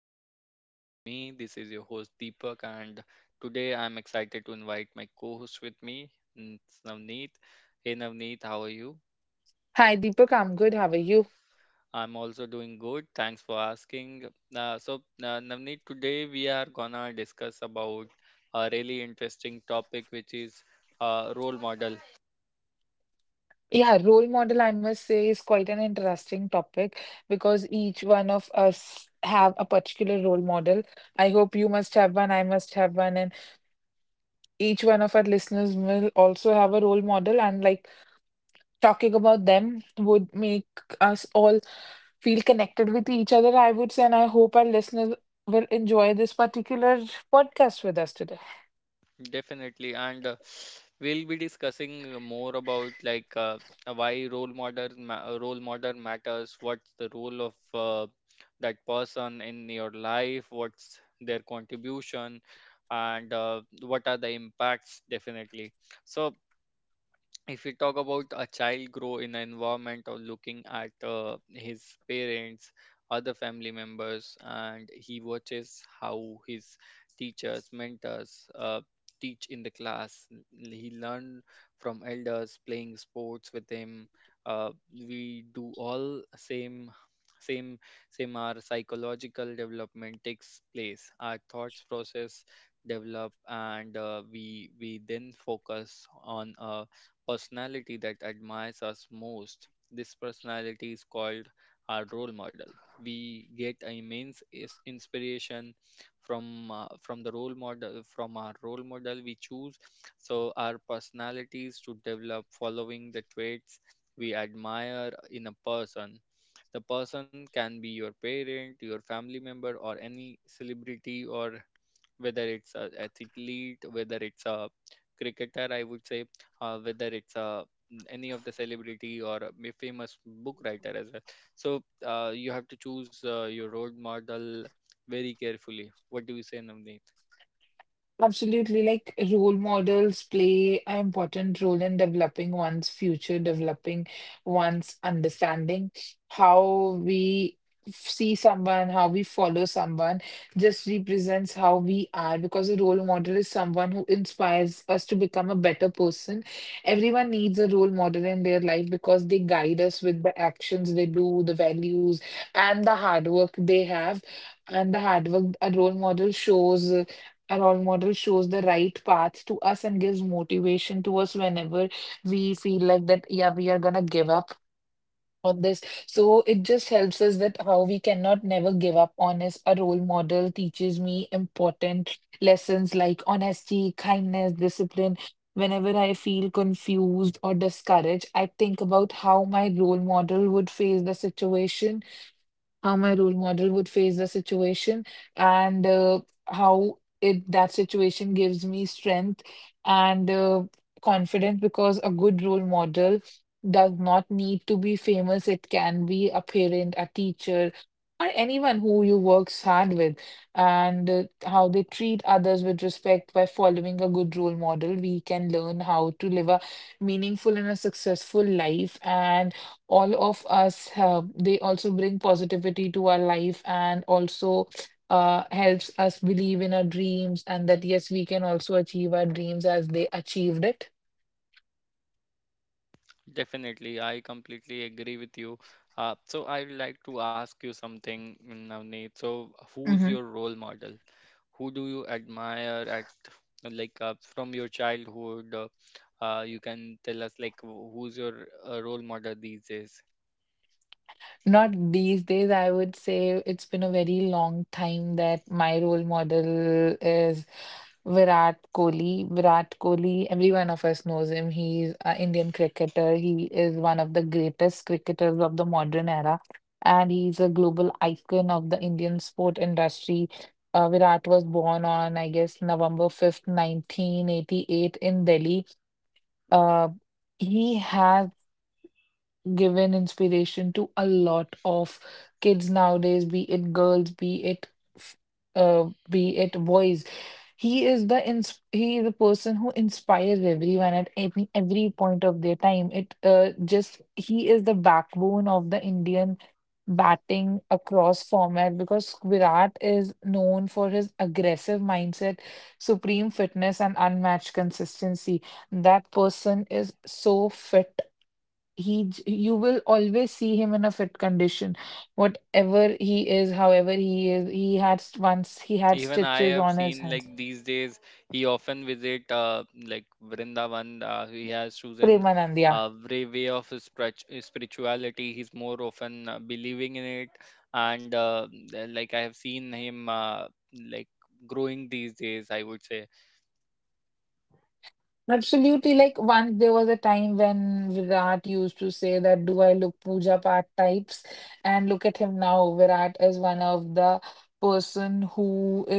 channel Vibe with me. This is your host Deepak and today I'm excited to invite my co-host with me, it's Navneet. Hey Navneet, how are you? Hi, Deepak. I'm good. How are you? I'm also doing good. Thanks for asking. Uh, so Navneet, today we are gonna discuss about a really interesting topic which is role model. Yeah, role model, I must say, is quite an interesting topic because each one of us have a particular role model. I hope you must have one, I must have one, and each one of our listeners will also have a role model. And like talking about them would make us all feel connected with each other, I would say. And I hope our listeners will enjoy this particular podcast with us today. Definitely, and we'll be discussing more about like why role model matters. What's the role of that person in your life? What's their contribution, and what are the impacts? Definitely. So if we talk about a child grow in an environment of looking at his parents, other family members, and he watches how his teachers, mentors teach in the class. He learn from elders playing sports with him. uh, we do all same same our psychological development takes place, our thoughts process develop, and we then focus on a personality that admires us most. This personality is called our role model. We get immense inspiration from the role model, from our role model we choose. So our personalities to develop following the traits we admire in a person. The person can be your parent, your family member, or any celebrity, or whether it's a athlete, whether it's a cricketer, I would say, whether it's a any of the celebrity or a famous book writer as well. So you have to choose your role model very carefully. What do you say, Namni? Absolutely. Like role models play an important role in developing one's future, developing one's understanding, how we see someone, how we follow someone, just represents how we are because a role model is someone who inspires us to become a better person. Everyone needs a role model in their life because they guide us with the actions they do, the values, and the hard work they have. And the hard work a role model shows our role model shows the right path to us and gives motivation to us whenever we feel like that, yeah, we are gonna give up on this. So it just helps us that how we cannot never give up on is a role model teaches me important lessons like honesty, kindness, discipline. Whenever I feel confused or discouraged, I think about how my role model would face the situation how my role model would face the situation and how it that situation gives me strength and confidence because a good role model does not need to be famous. It can be a parent, a teacher, or anyone who you works hard with, and how they treat others with respect by following a good role model. We can learn how to live a meaningful and a successful life, and all of us have they also bring positivity to our life and also helps us believe in our dreams and that yes we can also achieve our dreams as they achieved it. Definitely, I completely agree with you. So I would like to ask you something, mm, Navneet. So who's your role model? Who do you admire at like from your childhood? You can tell us like who's your role model these days? Not these days, I would say it's been a very long time that my role model is Virat Kohli. Virat Kohli, every one of us knows him. He's an Indian cricketer. He is one of the greatest cricketers of the modern era, and he's a global icon of the Indian sport industry. Virat was born on, I guess, November 5th, 1988 in Delhi. Uh, he has given inspiration to a lot of kids nowadays, be it girls, f- be it boys. He is the person who inspires everyone at every point of their time. It just he is the backbone of the Indian batting across format because Virat is known for his aggressive mindset, supreme fitness, and unmatched consistency. That person is so fit you will always see him in a fit condition whatever he is however he is once he had Even I stitches have on his seen hands. like these days he often visit like Vrindavan. He has chosen Premanand, yeah. a way of his spirituality. He's more often believing in it, and like I have seen him like growing these days, I would say Absolutely. Like once there was a time when Virat used to say that, "Do I look Pooja Path types?" And look at him now. Virat is one of the person who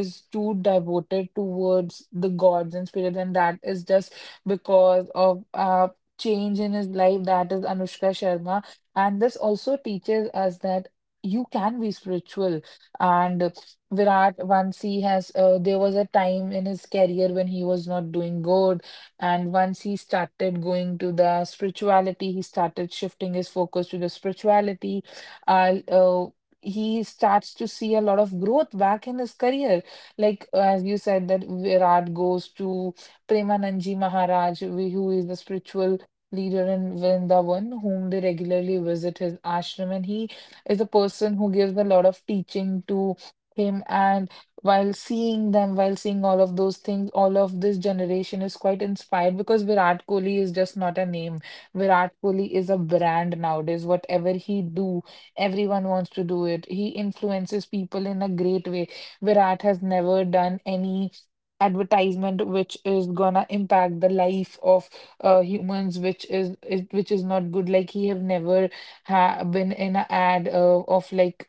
is too devoted towards the gods and spirits, and that is just because of change in his life. That is Anushka Sharma, and this also teaches us that you can be spiritual and. Virat, once he has, there was a time in his career when he was not doing good and once he started going to the spirituality, he started shifting his focus to the spirituality. Uh, uh, he starts to see a lot of growth back in his career. Like, as you said, that Virat goes to Premananji Maharaj, who is the spiritual leader in Vrindavan, whom they regularly visit his ashram. And he is a person who gives a lot of teaching to him. And while seeing them, while seeing all of those things, all of this generation is quite inspired because Virat Kohli is just not a name. Virat Kohli is a brand nowadays. Whatever he do, everyone wants to do it. He influences people in a great way. Virat has never done any advertisement which is gonna impact the life of humans which is not good like he have never been in a ad of like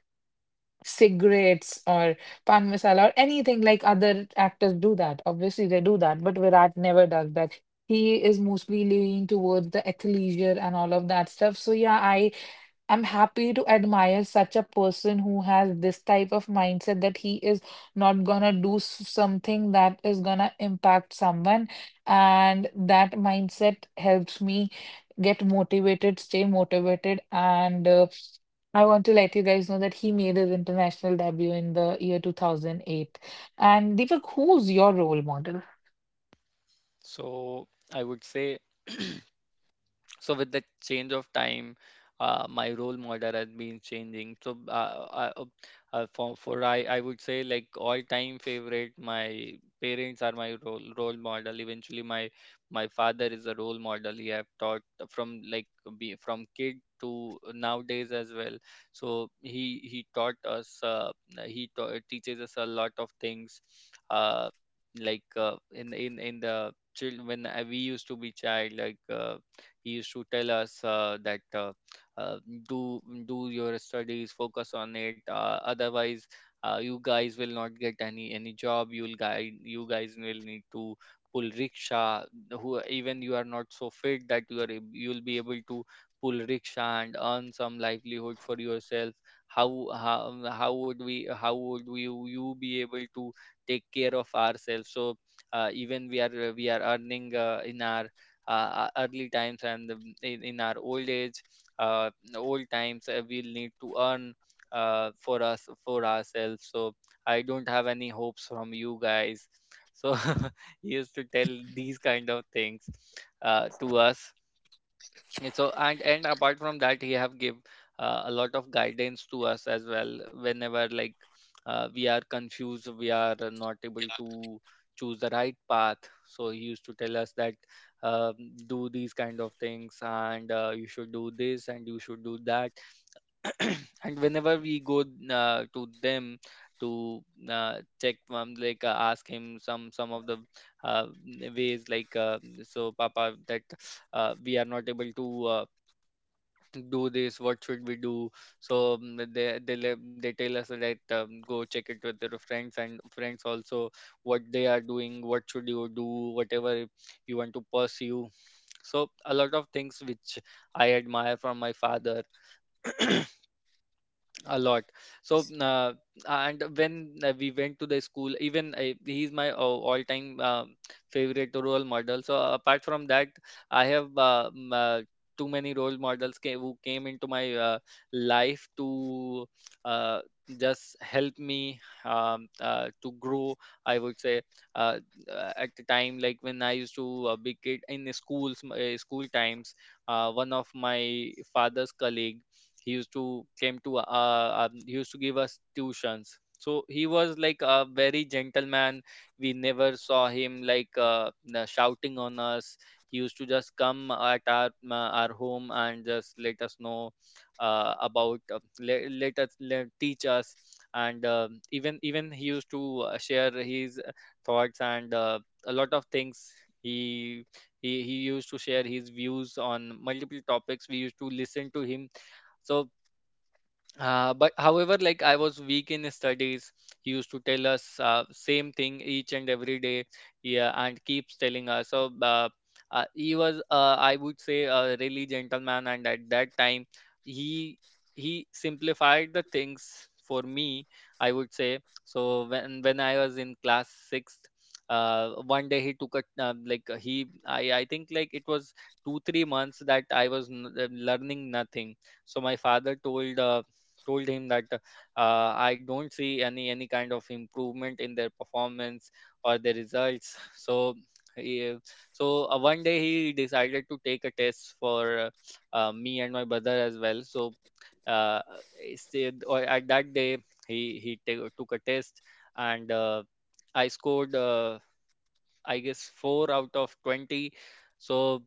cigarettes or pan masala or anything like other actors do that. Obviously, they do that, but Virat never does that. He is mostly leaning towards the athleisure and all of that stuff. So yeah, I'm happy to admire such a person who has this type of mindset that he is not gonna do something that is gonna impact someone. And that mindset helps me get motivated, stay motivated. And I want to let you guys know that he made his international debut in the year 2008. And Deepak, who's your role model? so. I would say, so with the change of time, my role model has been changing. I would say like all time favorite, my parents are my role model. Eventually, my father is a role model. He have taught from like be from kid to nowadays as well. So he taught us, teaches us a lot of things. uh, like in the children, when we used to be child, like he used to tell us that uh, do do your studies, focus on it, otherwise you guys will not get any job. You'll guy you guys will need to pull rickshaw, who even you are not so fit that you are you'll be able to pull rickshaw and earn some livelihood for yourself. How how, how would we how would we, you be able to take care of ourselves? So even we are earning in our early times, and in our old age, uh, old times, we'll need to earn for ourselves. So I don't have any hopes from you guys. So he used to tell these kind of things to us. Yeah, so and apart from that, he have give a lot of guidance to us as well whenever like we are confused, we are not able to choose the right path. So he used to tell us that um, do these kind of things and you should do this and you should do that. And whenever we go to them to check, ask him some of the uh, ways, like so papa that we are not able to do this, what should we do? So they tell us that, go check it with your friends, and friends also what they are doing, what should you do, whatever you want to pursue. So a lot of things which I admire from my father a lot. So and when we went to the school, even he's my all-time favorite role model. So apart from that, I have too many role models who came into my life to uh, just help me, to grow, I would say. uh, at the time, like when I used to be kid in the schools, school times, one of my father's colleague, he used to came to he used to give us tuitions. So he was like a very gentleman. We never saw him like shouting on us. He used to just come at our our home and just let us know about let, let us let, teach us. And even he used to share his thoughts and a lot of things. He he he used to share his views on multiple topics, we used to listen to him. So but however, like I was weak in studies, he used to tell us same thing each and every day, yeah, and keeps telling us. So he was, I would say, a really gentleman, and at that time, he he simplified the things for me, I would say so. When I was in class sixth, one day he took a like he I think like it was two three months that I was learning nothing. So my father told. Told him that I don't see any kind of improvement in their performance or their results. He, so one day he decided to take a test for me and my brother as well. So uh, he or at that day, took a test, and I scored I guess four out of 20. So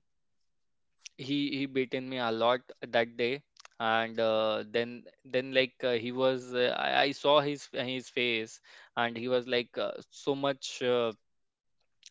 he beaten me a lot that day. And then like he was I saw his face, and he was like so much,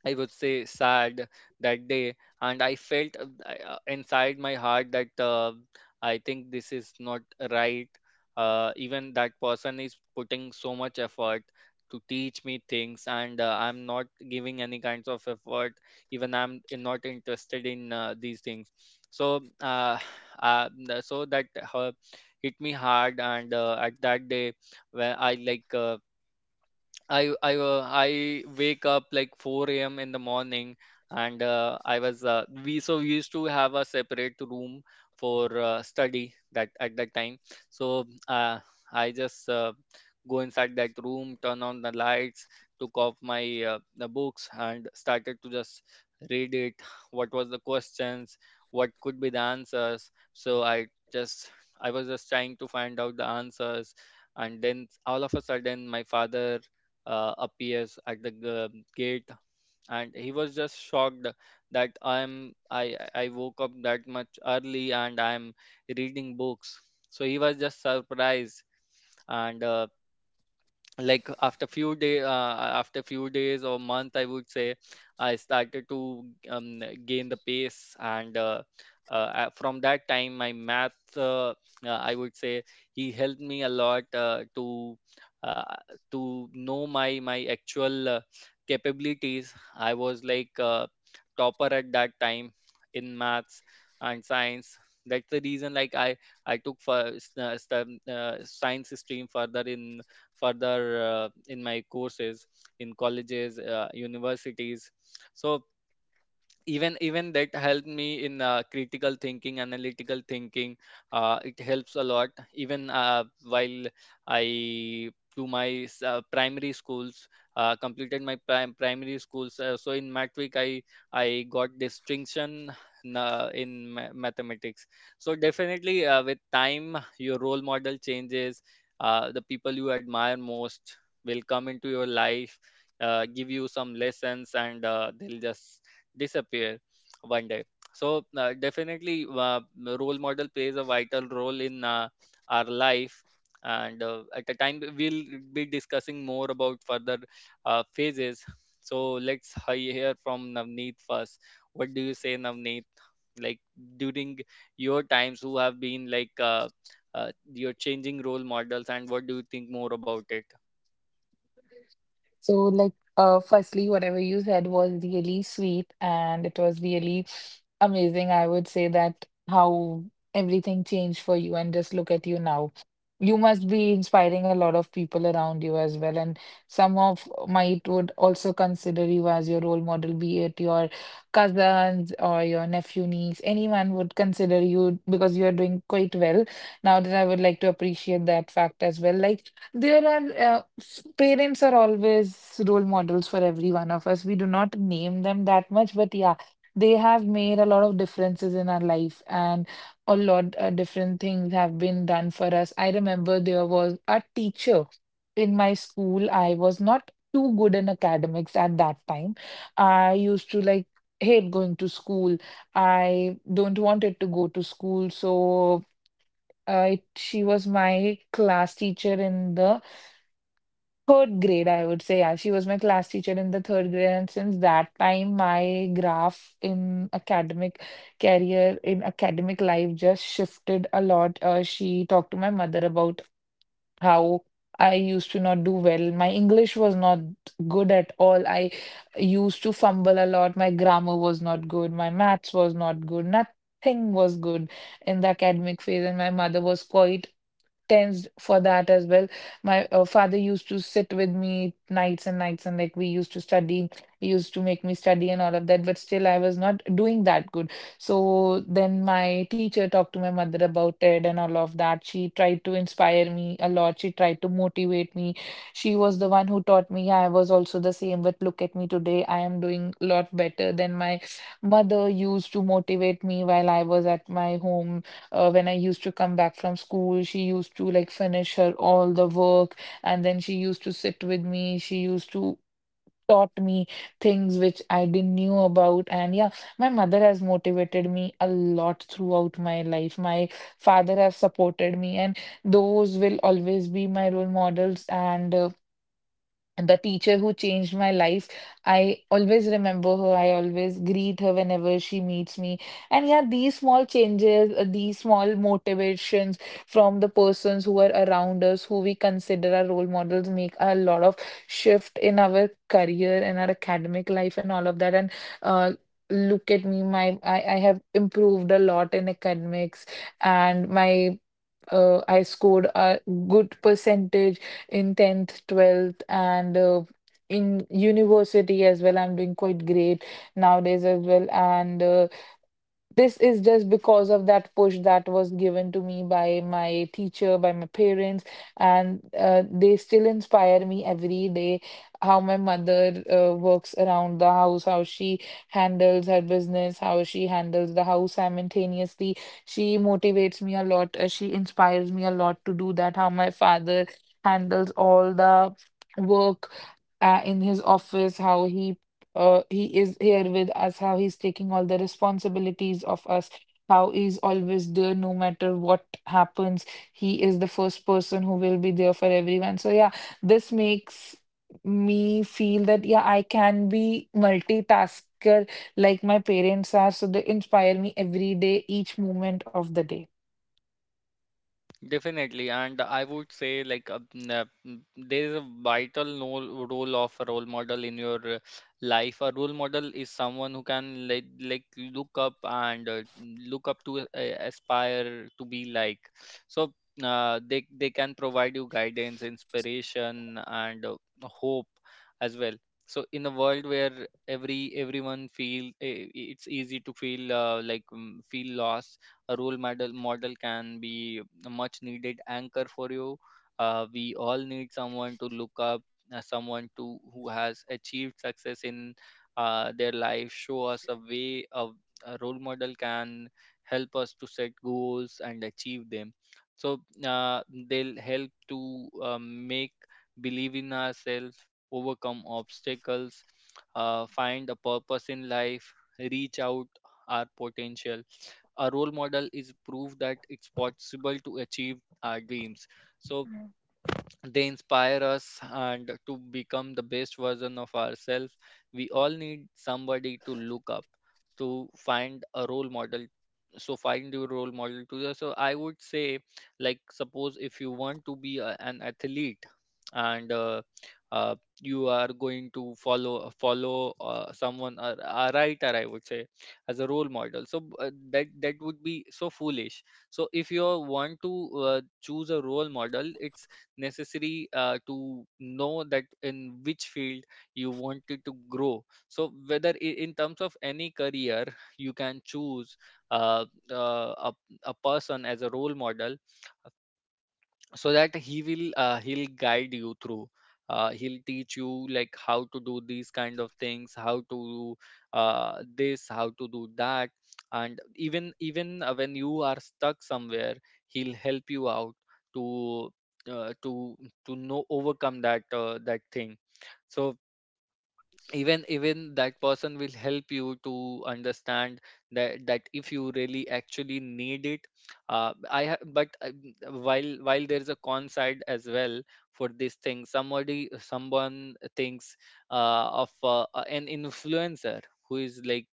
I would say, sad that day. And I felt inside my heart that I think this is not right. Even that person is putting so much effort to teach me things, and I'm not giving any kinds of effort. Even I'm not interested in these things. So, uh, so that hit me hard, and at that day, where I like. I wake up like 4 a.m. in the morning, and I was we so we used to have a separate room for study that at that time. So I just go inside that room, turn on the lights, took off my the books, and started to just read it. What was the questions? What could be the answers? So I was just trying to find out the answers, and then all of a sudden my father appears at the gate, and he was just shocked that I woke up that much early and I'm reading books. So he was just surprised. And like after few day after few days or month, I would say, I started to gain the pace. And from that time, my math I would say he helped me a lot uh, to know my my actual capabilities. I was like topper at that time in maths and science. That's the reason like I took for science stream further in further in my courses, in colleges, universities. So even that helped me in critical thinking, analytical thinking. Uh, it helps a lot even while I do my primary schools, completed my primary schools. So in matric, I got distinction in, mathematics. So definitely, with time your role model changes. The people you admire most will come into your life, give you some lessons, and they'll just disappear one day. So definitely, role model plays a vital role in our life. And at a time, we'll be discussing more about further phases. So let's hear from Navneet first. What do you say, Navneet? Like during your times, who have been like your changing role models, and what do you think more about it? So, like, firstly, whatever you said was really sweet and it was really amazing. I would say that how everything changed for you, and just look at you now. You must be inspiring a lot of people around you as well, and some of might would also consider you as your role model, be it your cousins or your nephew, niece. Anyone would consider you because you are doing quite well. Now that I would like to appreciate that fact as well. Like, there are parents are always role models for every one of us. We do not name them that much, but yeah, they have made a lot of differences in our life, and a lot different things have been done for us. I remember there was a teacher in my school. I was not too good in academics at that time. I used to like hate going to school. I don't wanted to go to school, so she was my class teacher in the third grade, I would say. Yeah, she was my class teacher in the third grade, and since that time, my graph in academic career, in academic life, just shifted a lot. She talked to my mother about how I used to not do well. My English was not good at all. I used to fumble a lot. My grammar was not good. My maths was not good. Nothing was good in the academic phase. And my mother was quite tensed for that as well. My father used to sit with me nights and nights, and like we used to study, he used to make me study and all of that, but still I was not doing that good. So then my teacher talked to my mother about it and all of that. She tried to inspire me a lot, she tried to motivate me. She was the one who taught me. I was also the same, but look at me today, I am doing a lot better than my mother used to motivate me while I was at my home when I used to come back from school, she used to like finish her all the work and then she used to sit with me. She used to taught me things which I didn't knew about. And yeah, my mother has motivated me a lot throughout my life. My father has supported me and those will always be my role models. And the teacher who changed my life, I always remember her, I always greet her whenever she meets me. And yeah, these small changes, these small motivations from the persons who are around us who we consider our role models make a lot of shift in our career and our academic life and all of that. And uh look at me, I have improved a lot in academics, and my I scored a good percentage in 10th, 12th, and in university as well. I'm doing quite great nowadays as well. And this is just because of that push that was given to me by my teacher, by my parents, and they still inspire me every day. How my mother works around the house, how she handles her business, how she handles the house simultaneously. She motivates me a lot. She inspires me a lot to do that. How my father handles all the work in his office, how he is here with us, how he's taking all the responsibilities of us, how he's always there no matter what happens. He is the first person who will be there for everyone. So, yeah, this makes me feel that, yeah, I can be multitasker like my parents are. So, they inspire me every day, each moment of the day. Definitely, and I would say there is a vital role of a role model in your life. A role model is someone who can like look up and look up to, aspire to be like. So they can provide you guidance, inspiration, and hope as well. So in a world where everyone feel, it's easy to feel feel lost. A role model can be a much needed anchor for you. We all need someone to look up, someone to who has achieved success in their life, show us a way of. A role model can help us to set goals and achieve them. So uh, they'll help to make believe in ourselves, overcome obstacles, find a purpose in life, reach out our potential. A role model is proof that it's possible to achieve our dreams. So they inspire us and to become the best version of ourselves. We all need somebody to look up, to find a role model. So find your role model to the. So I would say like suppose if you want to be an athlete and uh, you are going to follow someone or a writer, I would say, as a role model, so that would be so foolish. So if you want to choose a role model, it's necessary to know that in which field you wanted to grow. So whether in terms of any career, you can choose uh, uh, a, a person as a role model, so that he will he'll guide you through. He'll teach you like how to do these kind of things, how to do this, how to do that. And even when you are stuck somewhere, he'll help you out to uh, to to know, overcome that that thing. So even that person will help you to understand that that if you really actually need it. But while there is a con side as well for this thing. Somebody Someone thinks of an influencer who is like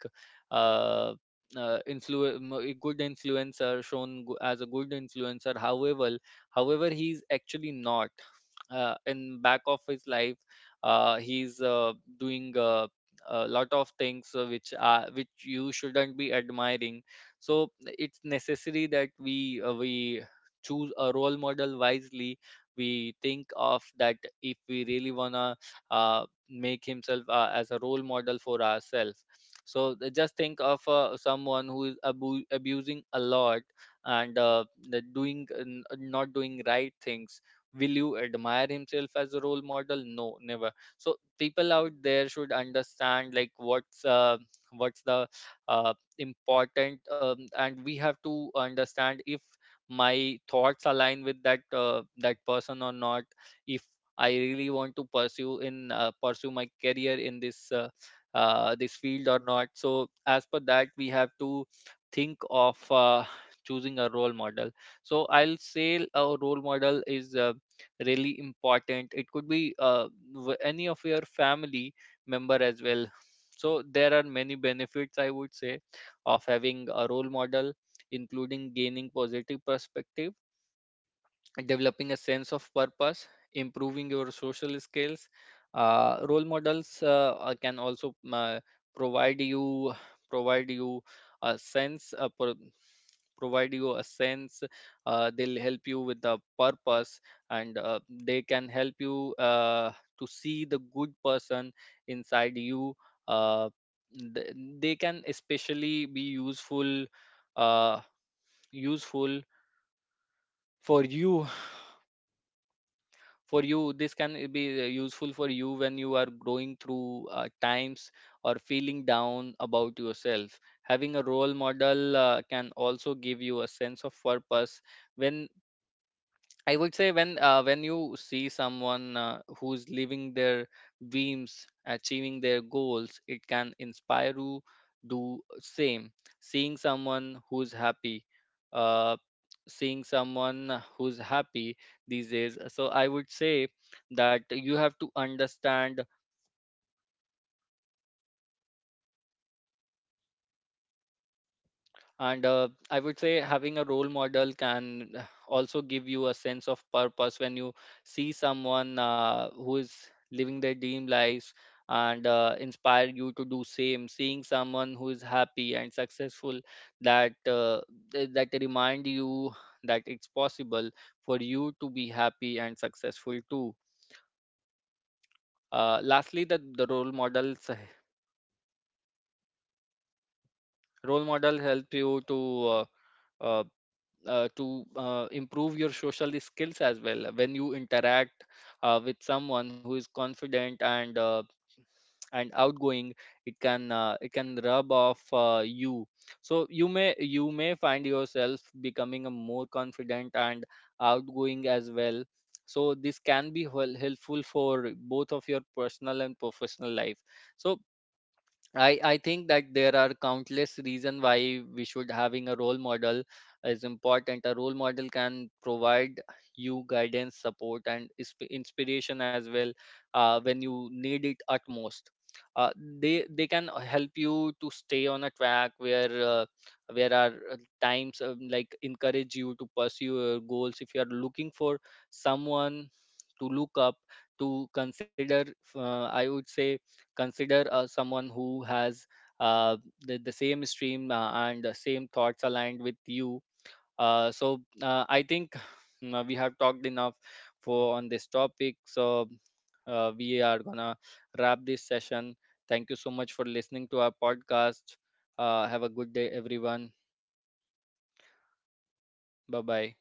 uh, a good influencer, shown as a good influencer. However, he is actually not. In back of his life, he's doing a lot of things which are which you shouldn't be admiring. So it's necessary that we choose a role model wisely. We think of that if we really wanna make himself as a role model for ourselves. So just think of someone who is abusing a lot, and the doing not doing right things. Will you admire himself as a role model? No, never. So people out there should understand like what's the uh, important, and we have to understand if my thoughts align with that person or not. If I really want to pursue my career in this field or not. So as per that, we have to think of Yeah, like choosing a that is role true. model. Like, So if we I'll have to say a pursue role something model is in a really particular important. It field, could it be is quite important any for of your us, family and we member should as well. understand that So how we there are should many benefits, I focus would on that, say, and of having a having role a role model of model, that particular including phase of gaining that positive particular perspective, field is developing a sense of amazing for purpose, that, improving your social and skills. It Role helps models us can also understand provide you provide you a our goal. It helps us understand provide how you a we can sense. do it. They'll help And a you role with the model is not purpose, just someone and we they admire. can A help role you model to is see the good someone person who inside whose you. action Uh, teaches us th- values, they whose can journey especially inspires be us, useful, who's uh, someone who proves that useful goodness still exists. A role model for may be you famous or unknown, for rich or you this can poor, be useful for you when you are growing simple through or times or feeling powerful. down What matters about is the yourself. character, not Having a role popularity. model It is just can that also how I give would you a like to sense talk of a bit purpose about when I Priyanka would say Chopra. When you see someone Priyanka who's living Chopra is their one of the dreams, global achieving their icons. goals, it can I would say inspire that you Priyanka do Chopra same. is an Seeing someone inspiration for who's each happy, one of us out uh, there. Seeing For someone girls who's specifically, happy Priyanka these Chopra is days. one So of the I would biggest say inspirations that because you have to Priyanka Chopra understand, Jonas has achieved a lot of heights. Priyanka Chopra is one of the India's most famous and successful global icons. and I would She's say known for her having a role achievements model in can acting, also give you a sense of purpose when you music, see someone who is living their dream lives, and inspire you to do same, seeing someone who is happy and successful, that uh, that remind you that it's possible for you to be happy and successful too. Lastly, the role model help you to uh, uh, improve your social skills as well. When you interact with someone who is confident and outgoing, it can, it can rub off you. So you may, find yourself becoming a more confident and outgoing as well. So this can be helpful for both of your personal and professional life. So I think that there are countless reasons why we should having a role model is important. A role model can provide you guidance, support, and inspiration as well when you need it utmost. Uh, they can help you to stay on a track where are times, like, encourage you to pursue your goals. If you are looking for someone to look up, to consider, I would say consider someone who has uh, the same stream and the same thoughts aligned with you. So I think we have talked enough for on this topic. So we are gonna wrap this session. Thank you so much for listening to our podcast. Uh, have a good day everyone. Bye bye.